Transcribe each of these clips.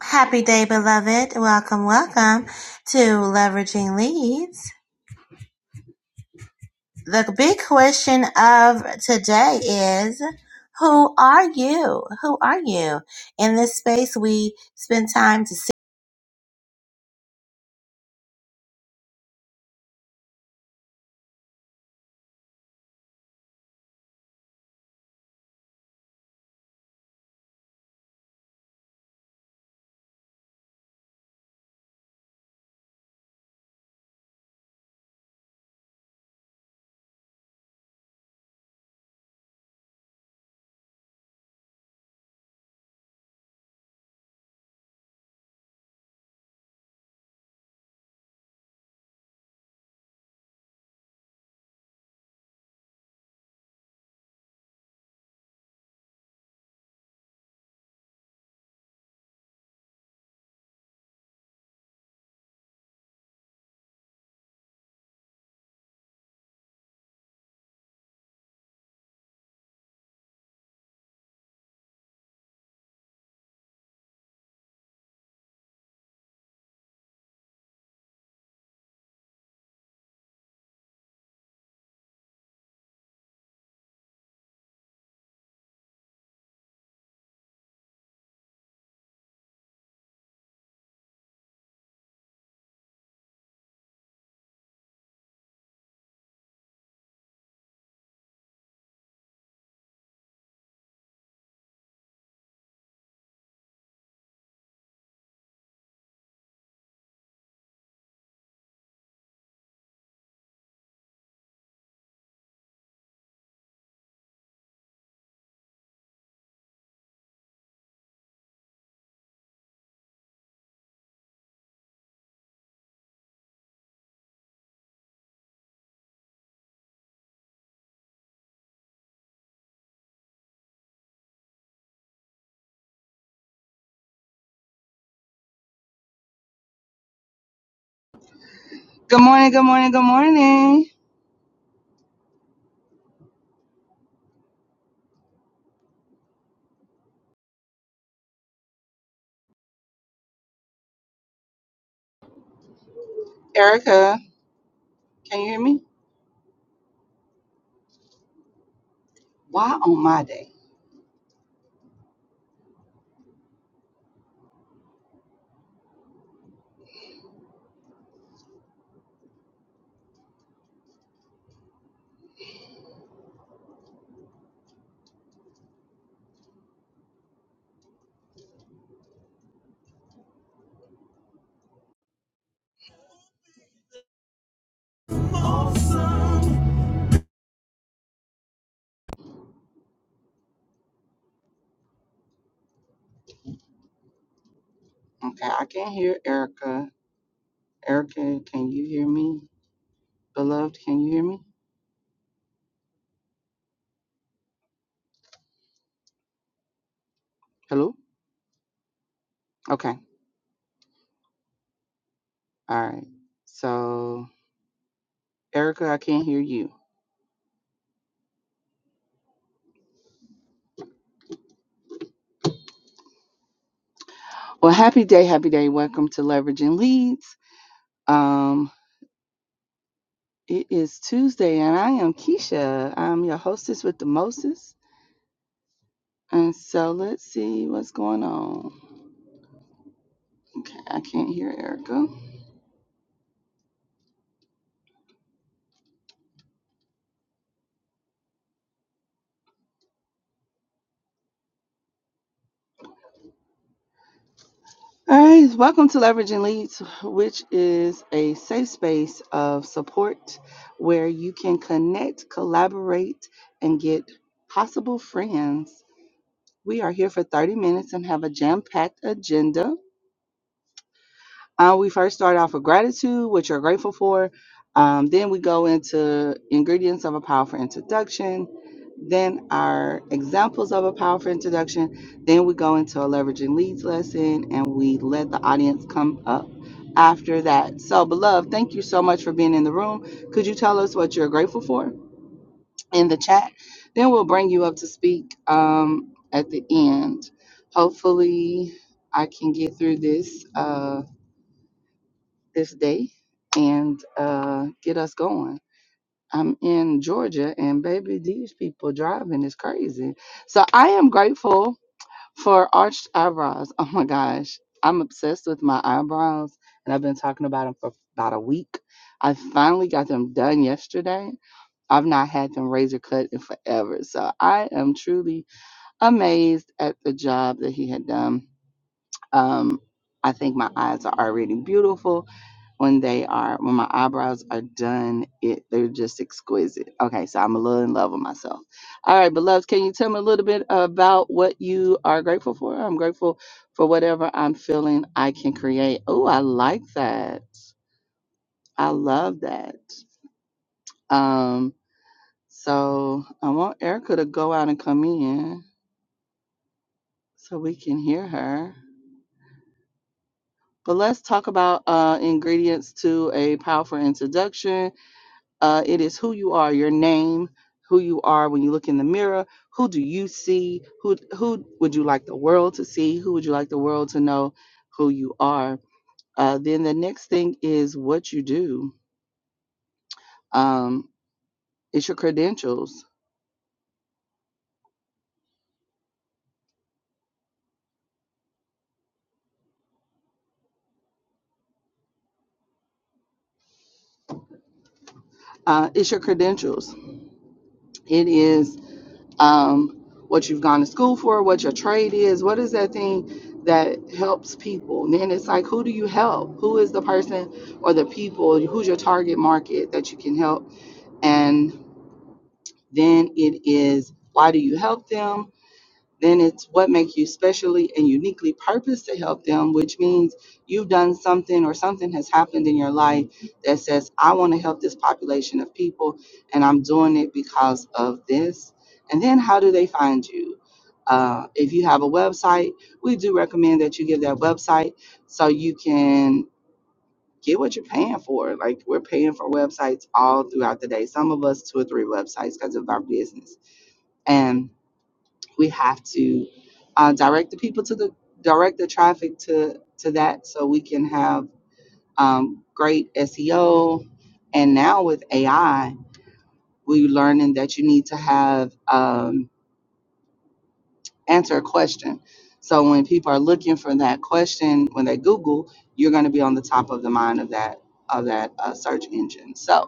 Happy day, beloved. Welcome, welcome to Leveraging Leads. The big question of today is who are you? Who are you? In this space, we spend time to see. Good morning, good morning, good morning. Erica, can you hear me? Why on my day? Okay, I can't hear Erica. Erica, can you hear me? Beloved, can you hear me? Hello? Okay, all right. So, Erica, I can't hear you. Well, happy day, happy day. Welcome to Leveraging Leads. Um, it is Tuesday, and I am Keisha. I'm your hostess with the Moses. And so, let's see what's going on. Okay, I can't hear Erica. All right, welcome to Leveraging Leads, which is a safe space of support where you can connect, collaborate, and get possible friends. We are here for 30 minutes and have a jam packed agenda. Uh, we first start off with gratitude, what you're grateful for. Um, then we go into ingredients of a powerful introduction. Then our examples of a powerful introduction. Then we go into a leveraging leads lesson and we let the audience come up after that. So, beloved, thank you so much for being in the room. Could you tell us what you're grateful for in the chat? Then we'll bring you up to speak um, at the end. Hopefully, I can get through this. Uh, this day and uh, get us going. I'm in Georgia, and baby, these people driving is crazy. So I am grateful for arched eyebrows. Oh my gosh, I'm obsessed with my eyebrows, and I've been talking about them for about a week. I finally got them done yesterday. I've not had them razor cut in forever, so I am truly amazed at the job that he had done. Um, I think my eyes are already beautiful when they are when my eyebrows are done it they're just exquisite okay so i'm a little in love with myself all right beloveds can you tell me a little bit about what you are grateful for i'm grateful for whatever i'm feeling i can create oh i like that i love that um so i want erica to go out and come in so we can hear her but let's talk about uh, ingredients to a powerful introduction Uh, it is who you are, your name, who you are when you look in the mirror. Who do you see? Who who would you like the world to see? Who would you like the world to know? Who you are. Uh, then the next thing is what you do. Um, it's your credentials. Uh, it's your credentials. It is um, what you've gone to school for, what your trade is. What is that thing that helps people? And then it's like, who do you help? Who is the person or the people? Who's your target market that you can help? and then it is why do you help them then it's what makes you specially and uniquely purposed to help them which means you've done something or something has happened in your life that says i want to help this population of people and i'm doing it because of this and then how do they find you uh, if you have a website we do recommend that you give that website so you can get what you're paying for. Like we're paying for websites all throughout the day. Some of us two or three websites because of our business, and we have to uh, direct the people to the direct the traffic to to that so we can have um, great SEO. And now with AI, we're learning that you need to have um, answer a question. So when people are looking for that question when they Google, you're going to be on the top of the mind of that of that uh, search engine. So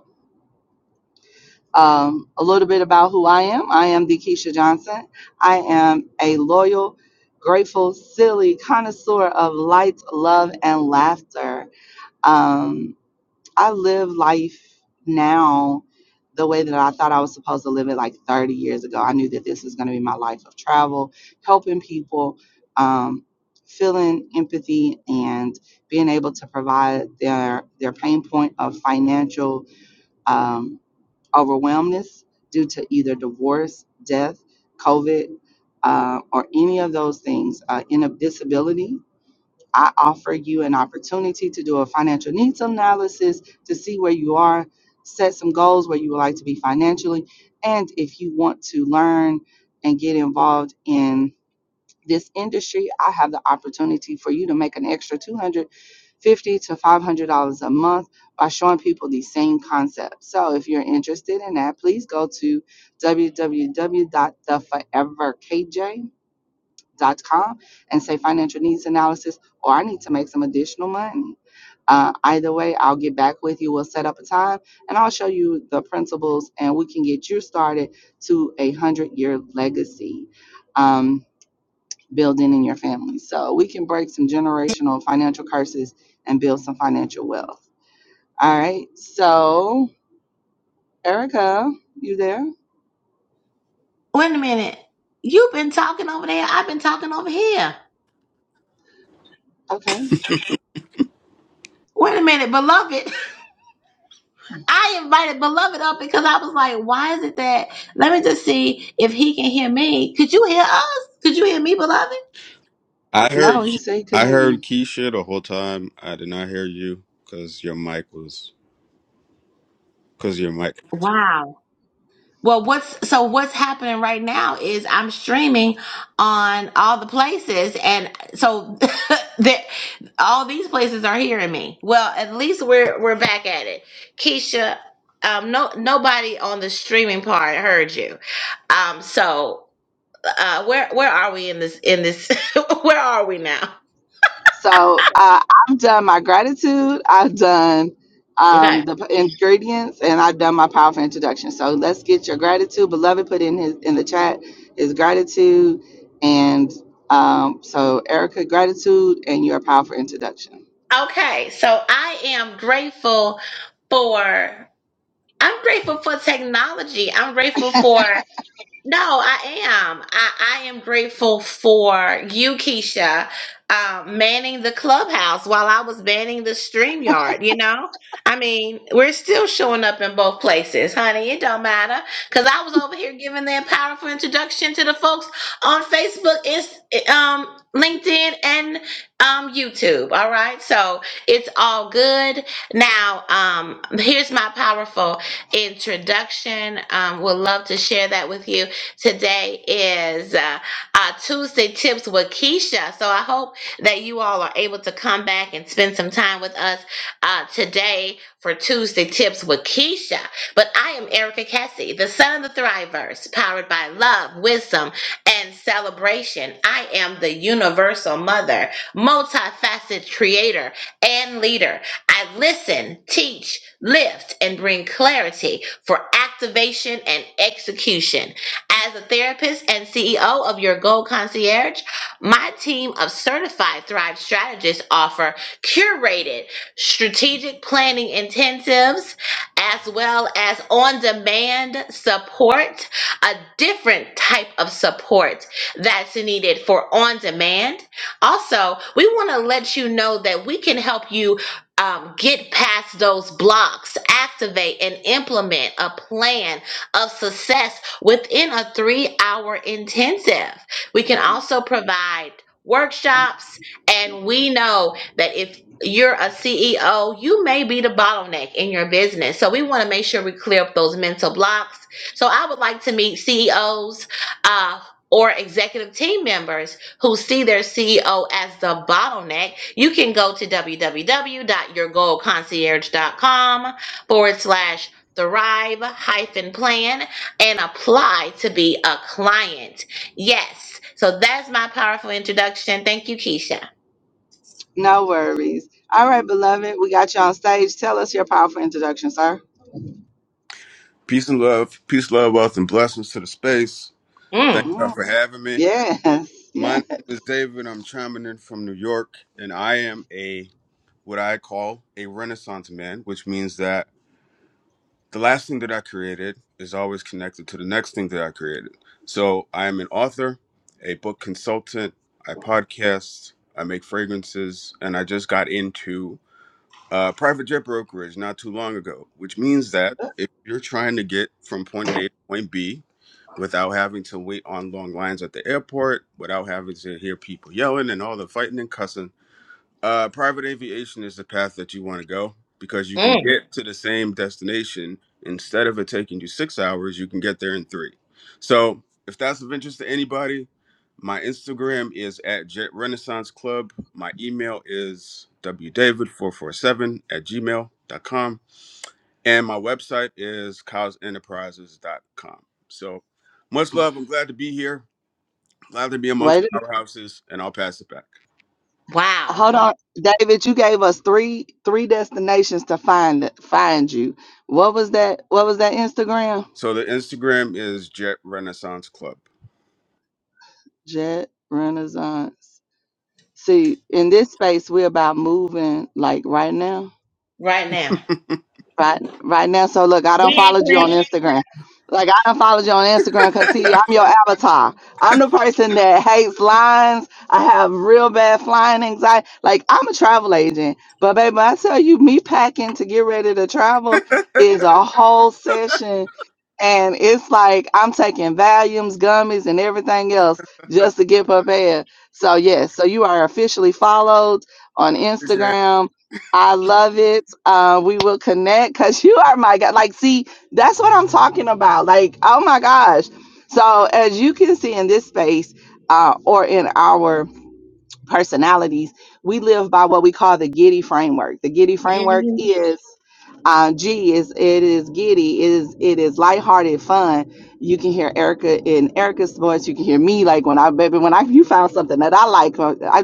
Um, a little bit about who I am. I am Dekeisha Johnson. I am a loyal, grateful, silly connoisseur of light, love, and laughter. Um, I live life now the way that I thought I was supposed to live it like 30 years ago. I knew that this was going to be my life of travel, helping people, um, feeling empathy, and being able to provide their their pain point of financial. um, overwhelmness due to either divorce, death, COVID, uh, or any of those things, uh, in a disability, I offer you an opportunity to do a financial needs analysis to see where you are, set some goals where you would like to be financially, and if you want to learn and get involved in this industry, I have the opportunity for you to make an extra two hundred fifty to five hundred dollars a month by showing people these same concepts. So if you're interested in that, please go to w w w dot the forever k j dot com and say financial needs analysis, or I need to make some additional money. Uh, either way, I'll get back with you. We'll set up a time and I'll show you the principles and we can get you started to a hundred year legacy. Um, building in your family. So we can break some generational financial curses and build some financial wealth. All right. So, Erica, you there? Wait a minute. You've been talking over there. I've been talking over here. Okay. Wait a minute, beloved. I invited beloved up because I was like, why is it that? Let me just see if he can hear me. Could you hear us? Could you hear me, beloved? I heard No, he said he couldn't I hear heard you. Keisha the whole time. I did not hear you because your mic was because your mic. Wow. Well, what's so what's happening right now is I'm streaming on all the places, and so that all these places are hearing me. Well, at least we're we're back at it. Keisha, um, no nobody on the streaming part heard you. Um, so uh, where where are we in this in this? where are we now? So uh, I've done my gratitude. I've done Okay. um, the p- ingredients, and I've done my powerful introduction. So let's get your gratitude, beloved. Put in his in the chat his gratitude, and um, so Erica, gratitude, and your powerful introduction. Okay, so I am grateful for I'm grateful for technology. I'm grateful for No, I am. I, I am grateful for you, Keisha, uh, manning the clubhouse while I was manning the stream yard. You know, I mean, we're still showing up in both places, honey. It don't matter because I was over here giving that powerful introduction to the folks on Facebook, Inst- um, LinkedIn, and um, YouTube. All right, so it's all good. Now, um, here's my powerful introduction. Um, would love to share that with you. Today is uh, uh, Tuesday Tips with Keisha. So I hope that you all are able to come back and spend some time with us uh, today for Tuesday Tips with Keisha. But I am Erica Cassie, the son of the Thrivers, powered by love, wisdom, and celebration. I am the universal mother, multifaceted creator, and leader. I listen, teach, lift, and bring clarity for activation and execution. As a therapist and CEO of your Goal Concierge, my team of certified Thrive strategists offer curated strategic planning intensives as well as on demand support, a different type of support that's needed for on demand. Also, we want to let you know that we can help you. um, get past those blocks, activate and implement a plan of success within a three hour intensive. We can also provide workshops, and we know that if you're a CEO, you may be the bottleneck in your business. So we want to make sure we clear up those mental blocks. So I would like to meet CEOs uh, or executive team members who see their CEO as the bottleneck. You can go to www.yourgoalconcierge.com forward slash thrive plan and apply to be a client. Yes. So that's my powerful introduction. Thank you, Keisha. No worries. All right, beloved, we got you on stage. Tell us your powerful introduction, sir. Peace and love, peace, love, wealth, and blessings to the space. Thank Mm, y'all Mm, for having me. yes, My yes. name is David. I'm chiming in from New York, and I am a what I call a Renaissance man, which means that the last thing that I created is always connected to the next thing that I created. So I am an author, a book consultant. I podcast. I make fragrances, and I just got into uh, private jet brokerage not too long ago, which means that if you're trying to get from point A to point B without having to wait on long lines at the airport, without having to hear people yelling and all the fighting and cussing, uh, private aviation is the path that you want to go because you can mm, get to the same destination. Instead of it taking you six hours, you can get there in three. So, if that's of interest to anybody, my Instagram is at Jet Renaissance Club. My email is wdavid447 at gmail.com. And my website is cows enterprises dot com. So, much love. I'm glad to be here. Glad to be Wait, amongst powerhouses. And I'll pass it back. a- wow. hold on, David. You gave us three three destinations to find find you. What was that? What was that Instagram? So the Instagram is Jet Renaissance Club. Jet Renaissance. See, in this space, we're about moving like right now. Right now. right right now. So look, I We don't ain't follow you on playing. Instagram. Like I don't follow you on Instagram because see, I'm your avatar. I'm the person that hates lines. I have real bad flying anxiety. Like I'm a travel agent, but baby, I tell you, me packing to get ready to travel is a whole session and it's like I'm taking Valiums, gummies, and everything else just to get prepared. So yes, so you are officially followed on Appreciate it. Instagram. I love it. Uh, we will connect because you are my god. Like, see, that's what I'm talking about. Like, oh my gosh. So as you can see in this space, uh, or in our personalities, we live by what we call the Giddy framework. The Giddy framework Mhm. is uh, G is it is giddy, it is it is lighthearted fun. You can hear Erica in Erica's voice. You can hear me like when I baby when I you found something that I like. uh, I,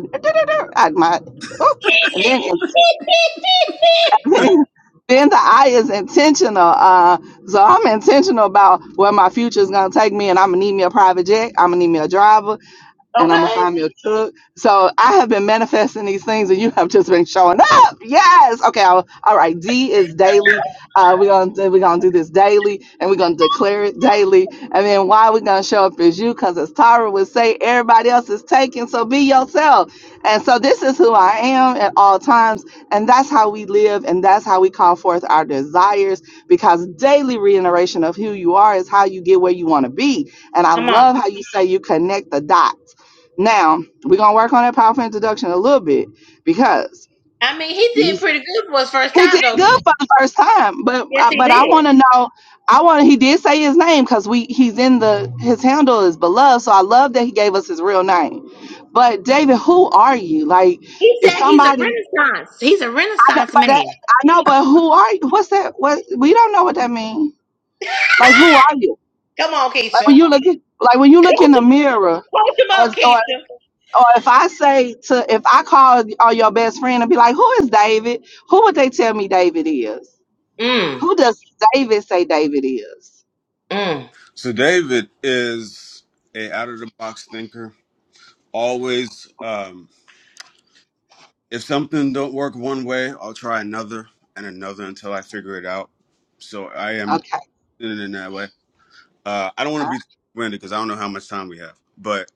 I my oh, and then it's- then then the I is intentional. Uh, so I'm intentional about where my future is gonna take me, and I'm gonna need me a private jet. I'm gonna need me a driver and I'm gonna okay. find me a truck. So I have been manifesting these things, and you have just been showing up. Yes. Okay. I'll, all right. D is daily. Uh, we're gonna do- we're gonna do this daily, and we're gonna declare it daily. And then why we're gonna show up is you, because as Tara would say, everybody else is taken. So be yourself. And so this is who I am at all times, and that's how we live, and that's how we call forth our desires, because daily reiteration of who you are is how you get where you want to be. And I Come on. love how you say you connect the dots now we're gonna work on that powerful introduction a little bit because I mean, he did he's, pretty good for his first he time, did though, good Keisha. for the first time, but Yes, uh, he but I want did. to know. I want he did say his name because we he's in the his handle is beloved, so I love that he gave us his real name. But David, who are you? Like He if said he's a somebody, I renaissance. He's a know, renaissance but man. that, I know, but who are you? What's that? What we don't know what that means. Like who are you? Come on, Like when Keisha. you look at, like when you look in Coach the him, mirror, coach him up, or. Keisha. or if I say to if I call on your best friend and be like, "Who is David?" Who would they tell me David is? Mm, Who does David say David is? mm. So David is a out of the box thinker. Always, um, if something don't work one way, I'll try another and another until I figure it out. So I am Okay, in it in that way. Uh, I don't want to uh, be winded because I don't know how much time we have, but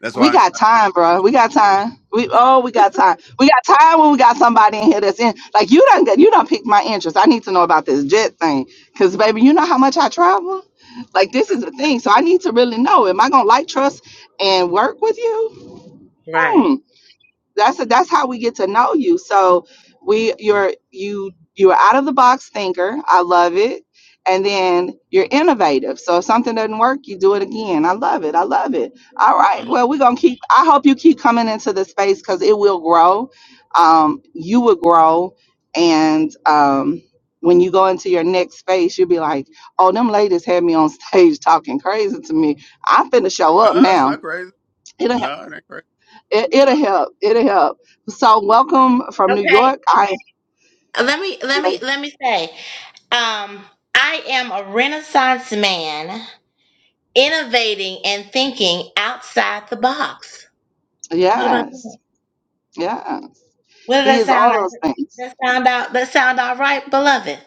that's we why I, I got kind of time, kept bro. We got it. time. We oh, we got time. We got time when we got somebody in here that's in like you don't you don't pick my interest. I need to know about this jet thing because baby, you know how much I travel. Like this is a thing, so I need to really know. Am I gonna like trust and work with you? Right. Hmm. that's a, that's how we get to know you so we Mhm. you're you you're out of the box thinker i love it and then you're innovative so if something doesn't work you do it again i love it i love it all I'm. right No, well we're gonna keep i hope you keep coming into the space because it will grow um, you will grow and um, when you go into your next space you'll be like oh them ladies had me on stage talking crazy to me i'm finna show up it's now not crazy. No, it ain't crazy. it, it'll help. It'll help. So, welcome from New Okay. York. I let me let me let me say um i am a renaissance man innovating and thinking outside the box what about that yes, yes. what does He that is sound all like those things. that sound out that sound all right beloved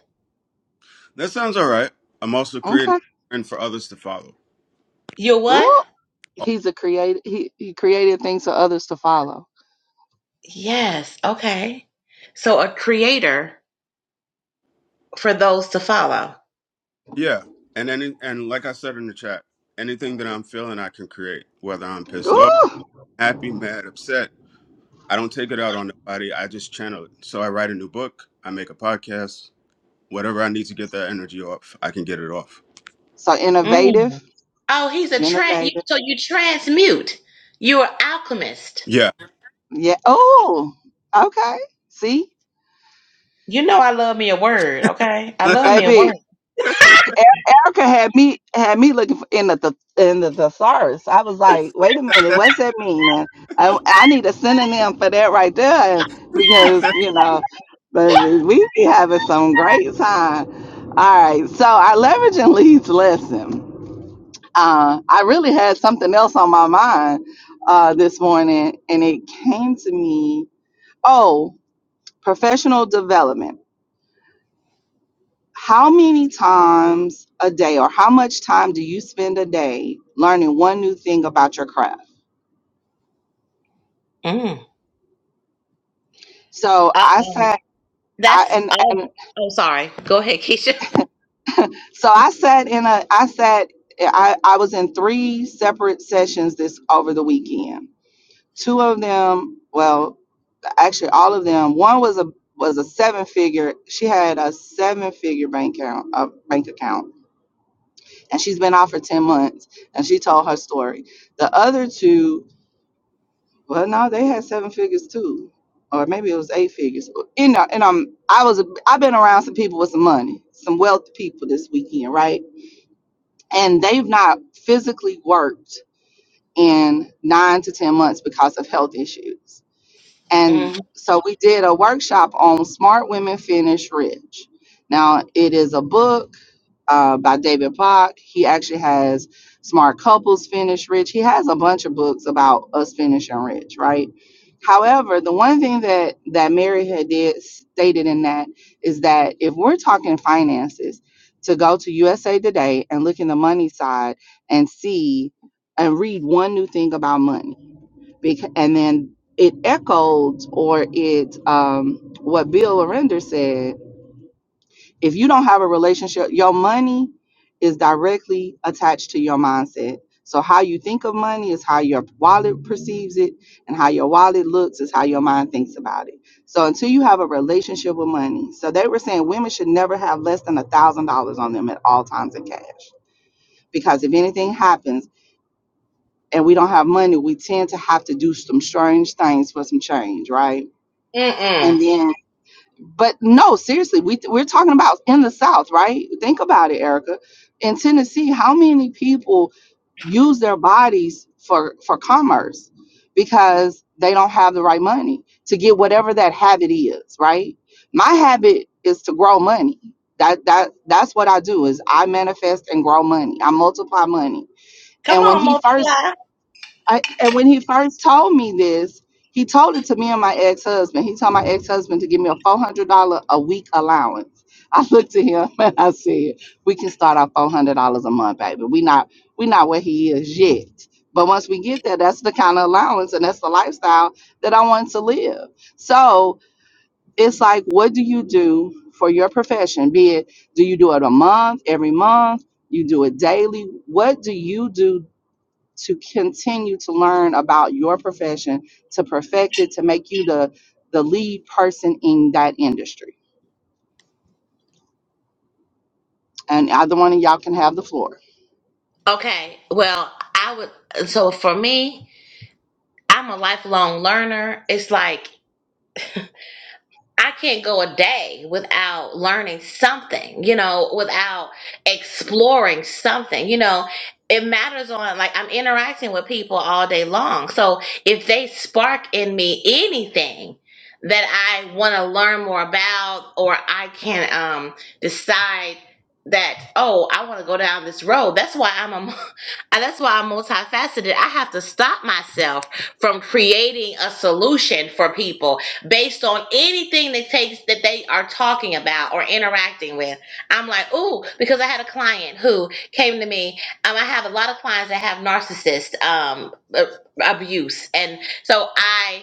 That sounds all right. I'm also creating Okay. for others to follow. you're what Ooh, he's a creative. He he created things for others to follow. yes okay so a creator for those to follow Yeah. And any and like I said in the chat, anything that I'm feeling I can create, whether I'm pissed off, Ooh, happy, mad, upset. I don't take it out on nobody. I just channel it. So I write a new book, I make a podcast, whatever I need to get that energy off, I can get it off. so innovative, Mm. oh he's a trans you, innovative. so you transmute you're an alchemist Yeah. Yeah. Oh, okay. See, you know i love me a word okay i love me a baby, word Erica had me had me looking for, in the th- in the thesaurus. I was like, wait a minute, what's that mean? And I, I need a synonym for that right there, and because you know, baby, we be having some great time. All right, so our leverage and leads lesson. Uh, I really had something else on my mind uh, this morning, and it came to me. Oh, professional development. How many times a day or how much time do you spend a day learning one new thing about your craft? mm. So I Uh, sat I That's and, oh, and oh sorry. Go ahead, Keisha. so I sat in a I sat I, I was in three separate sessions this over the weekend. Two of them, well, actually all of them. One was a was a seven figure. She had a seven figure bank account, uh, bank account, and she's been out for ten months. And she told her story. The other two Well, no, they had seven figures too, or maybe it was eight figures. You know, and um, I was I've been around some people with some money, some wealthy people this weekend, right? And they've not physically worked in nine to ten months because of health issues. And Mm, so we did a workshop on Smart Women Finish Rich. Now it is a book uh, by David Bach. He actually has Smart Couples Finish Rich. He has a bunch of books about us finishing rich, right? However, the one thing that that Mary had did stated in that is that if we're talking finances, to go to USA Today and look in the money side and see and read one new thing about money, because, and then it echoed or it um, what Bill Arender said if you don't have a relationship, your money is directly attached to your mindset. So how you think of money is how your wallet perceives it, and how your wallet looks is how your mind thinks about it. So until you have a relationship with money, so they were saying women should never have less than a thousand dollars on them at all times in cash, because if anything happens and we don't have money, we tend to have to do some strange things for some change, right? Mm-mm. And then but no, seriously, we we're talking about in the South, right? Think about it, Erica. In Tennessee, how many people use their bodies for for commerce because they don't have the right money to get whatever that habit is, right? My habit is to grow money. That that that's what I do is I manifest and grow money. I multiply money. Come And when on, he first multiply. I, and when he first told me this, he told it to me and my ex husband. He told my ex husband to give me a four hundred dollar a week allowance. I looked at him and I said, "We can start off four hundred dollars a month, baby. We not we not where he is yet, but once we get there, that's the kind of allowance and that's the lifestyle that I want to live." So it's like, what do you do for your profession? Be it, do you do it a month, every month? You do it daily. What do you do to continue to learn about your profession, to perfect it, to make you the the lead person in that industry. And either one of y'all can have the floor. Okay. Well, I would so for me, I'm a lifelong learner. It's like I can't go a day without learning something, you know, without exploring something, you know. It matters on, like, I'm interacting with people all day long. So if they spark in me anything that I want to learn more about, or I can um, decide that, oh, I want to go down this road, that's why I'm a And that's why I'm multifaceted. I have to stop myself from creating a solution for people based on anything that takes that they are talking about or interacting with. I'm like, ooh, because I had a client who came to me. Um, I have a lot of clients that have narcissist um a- abuse, and so I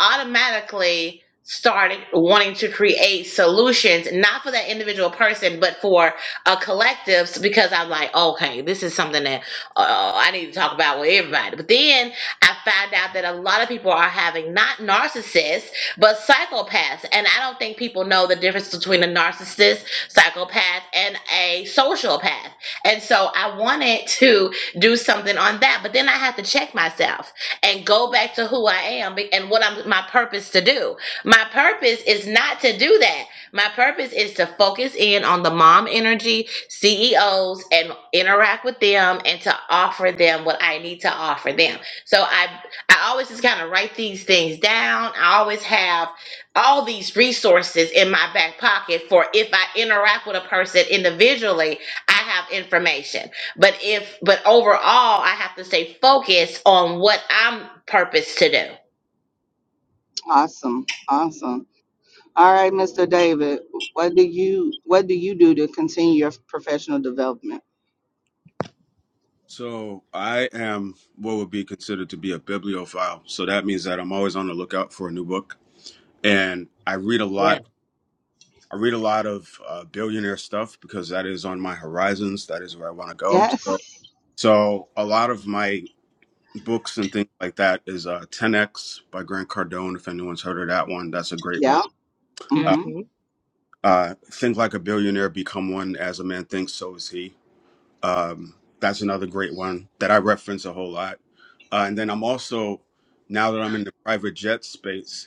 automatically started wanting to create solutions, not for that individual person, but for a collective. Because I'm like, okay, this is something that uh, I need to talk about with everybody. But then I found out that a lot of people are having not narcissists, but psychopaths. And I don't think people know the difference between a narcissist, psychopath, and a sociopath. And so I wanted to do something on that, but then I had to check myself and go back to who I am and what I'm my purpose to do. My purpose is not to do that. My purpose is to focus in on the mom energy CEOs and interact with them and to offer them what I need to offer them. So I I always just kind of write these things down. I always have all these resources in my back pocket for if I interact with a person individually, I have information. But if but overall, I have to stay focused on what I'm purposed to do. Awesome. Awesome. All right, Mr. David, what do you what do you do to continue your professional development? so I am what would be considered to be a bibliophile. So that means that I'm always on the lookout for a new book. And I read a Yeah. lot. I read a lot of uh, billionaire stuff because that is on my horizons. That is where I want to go. Yes. so So a lot of my books and things like that is uh, 10x by Grant Cardone. If anyone's heard of that one, that's a great one. Yeah. Uh, Mm-hmm. Mm-hmm. uh, Think like a billionaire, become one. As a man thinks, so is he. Um, that's another great one that I reference a whole lot. Uh, and then I'm also now that I'm in the private jet space,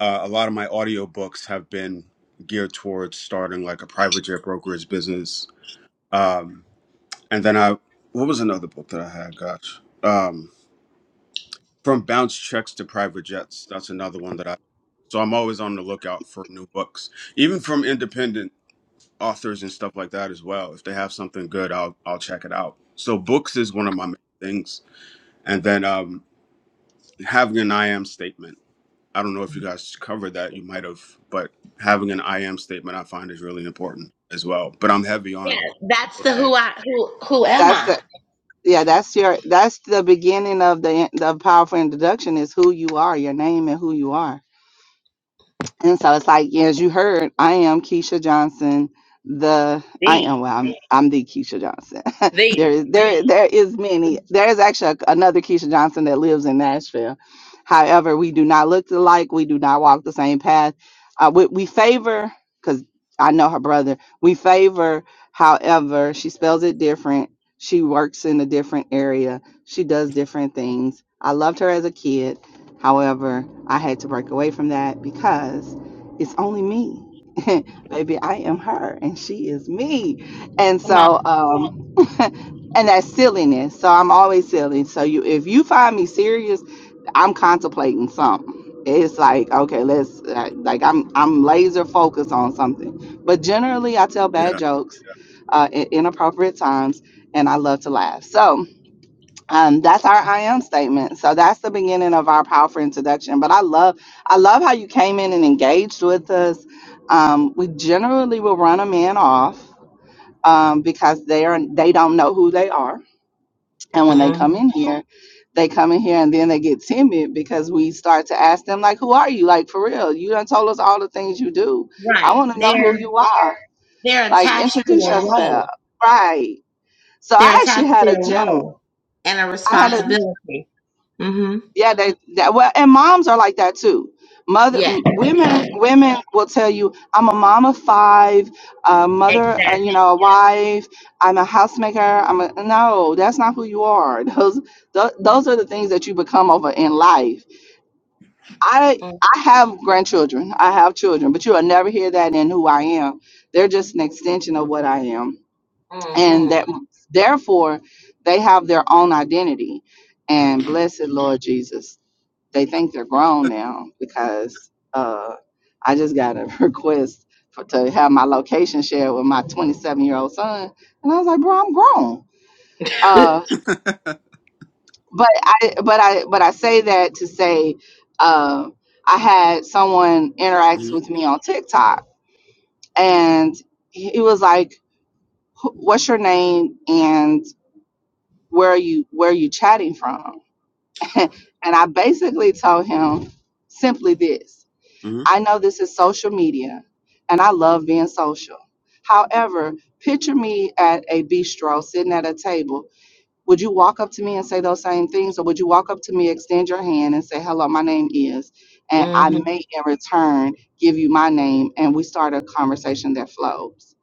uh, a lot of my audiobooks have been geared towards starting like a private jet brokerage business. Um, and then I, what was another book that I had? Gosh. Um, From bounce checks to private jets. That's another one that I. So I'm always on the lookout for new books, even from independent authors and stuff like that as well. If they have something good, I'll I'll check it out. So books is one of my main things, and then um, having an I am statement. I don't know if you guys covered that. You might have, but having an I am statement I find is really important as well. But I'm heavy Yeah, on. that's the Okay. who I who who am That's I? the yeah. That's your that's the beginning of the the powerful introduction is who you are, your name, and who you are. And so it's like, yeah, as you heard, I am Keisha Johnson. The I am Thee, well, I'm I'm the Keisha Johnson. there thee. is there there is many. There is actually a- another Keisha Johnson that lives in Nashville. However, we do not look alike. We do not walk the same path. Uh, we, we favor because I know her brother. We favor, however, she spells it different. She works in a different area. She does different things. I loved her as a kid However, I had to break away from that because it's only me. Baby, I am her and she is me. And Come on. so um and that's silliness. So I'm always silly. So you if you find me serious, I'm contemplating something. It's like, okay, let's uh, like I'm I'm laser focused on something. But generally I tell bad Yeah. jokes uh at inappropriate times and I love to laugh. So, um, that's our I am statement. So that's the beginning of our powerful introduction. But I love, I love how you came in and engaged with us. Um, we generally will run a man off um, because they are they don't know who they are, and when they hmm come in here, they come in here and then they get timid because we start to ask them like, "Who are you? Like for real? You done told us all the things you do. I Right. want to know who They're you are. they're Like attached to introduce a yourself, role. right?" So They're I actually attached to had a a gentleman. role and a I had a responsibility. hmm Yeah, they, that well, and moms are like that too. Mother, Yes, m- women, women will tell you, "I'm a mom of five, a mother, uh, exactly. you know, a wife. I'm a housemaker. I'm a no. That's not who you are. Those, th- those are the things that you become over in life. I, I have grandchildren. I have children, but you will never hear that in who I am. They're just an extension of what I am, hmm and hmm that therefore they have their own identity. And blessed Lord Jesus they think they're grown now because uh, I just got a request for, to have my location shared with my 27 year old son, and I was like, "Bro, I'm grown." Uh, but I but I but I say that to say uh, I had someone interact hmm with me on TikTok, and he he was like, "Wh- "What's your name?" and where are you where are you chatting from and i basically told him simply this hmm I know this is social media and I love being social. However, picture me at a bistro sitting at a table. Would you walk up to me and say those same things? Or would you walk up to me, extend your hand, and say, hello, my name is? And I may in return give you my name and we start a conversation that flows.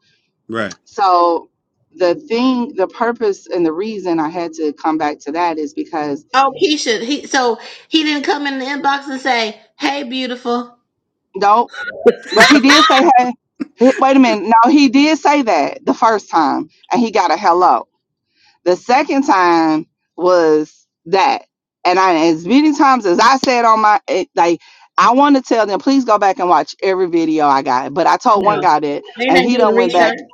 Right. So, the thing, the purpose, and the reason I had to come back to that is because oh, Keisha. He so he didn't come in the inbox and say, "Hey, beautiful." no But he did say, "Hey, he- wait a minute." No, he did say that the first time, and he got a hello. The second time was that, and I as many times as I said on my it, like, I want to tell them, please go back and watch every video I got. But I told one No, guy that, they and didn't he do the don't went back. research.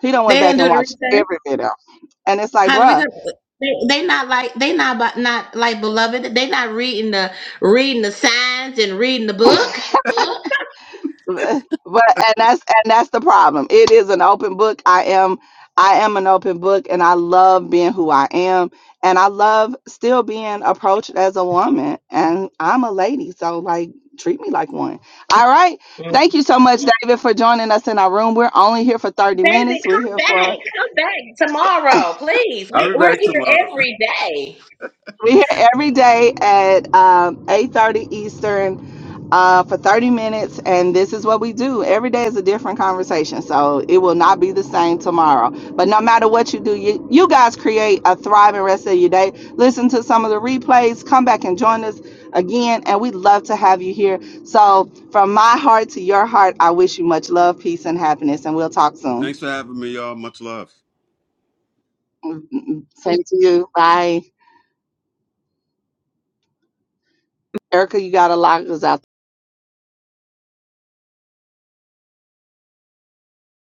He don't went They back didn't do and the watched research. every video, and it's like, Honey, we bruh. gonna they they not like they not but not like beloved. They not reading the reading the signs and reading the book. but and that's and that's the problem it is an open book i am i am an open book and i love being who i am and i love still being approached as a woman and i'm a lady so like treat me like one all right Mm. thank you so much david for joining us in our room we're only here for 30 Daisy, minutes we're come here for back, come back tomorrow, please. I'll We, be we're back here tomorrow. every day. we're here every day at um, eight thirty eastern uh, for 30 minutes, and this is what we do. Every day is a different conversation, so it will not be the same tomorrow. But no matter what you do, you, you guys create a thriving rest of your day. Listen to some of the replays, come back and join us again, and we'd love to have you here. So, from my heart to your heart, I wish you much love, peace, and happiness, and we'll talk soon. Thanks for having me, y'all. Much love. Mm-hmm. Same to you. Bye. Erica, you got to lock us out.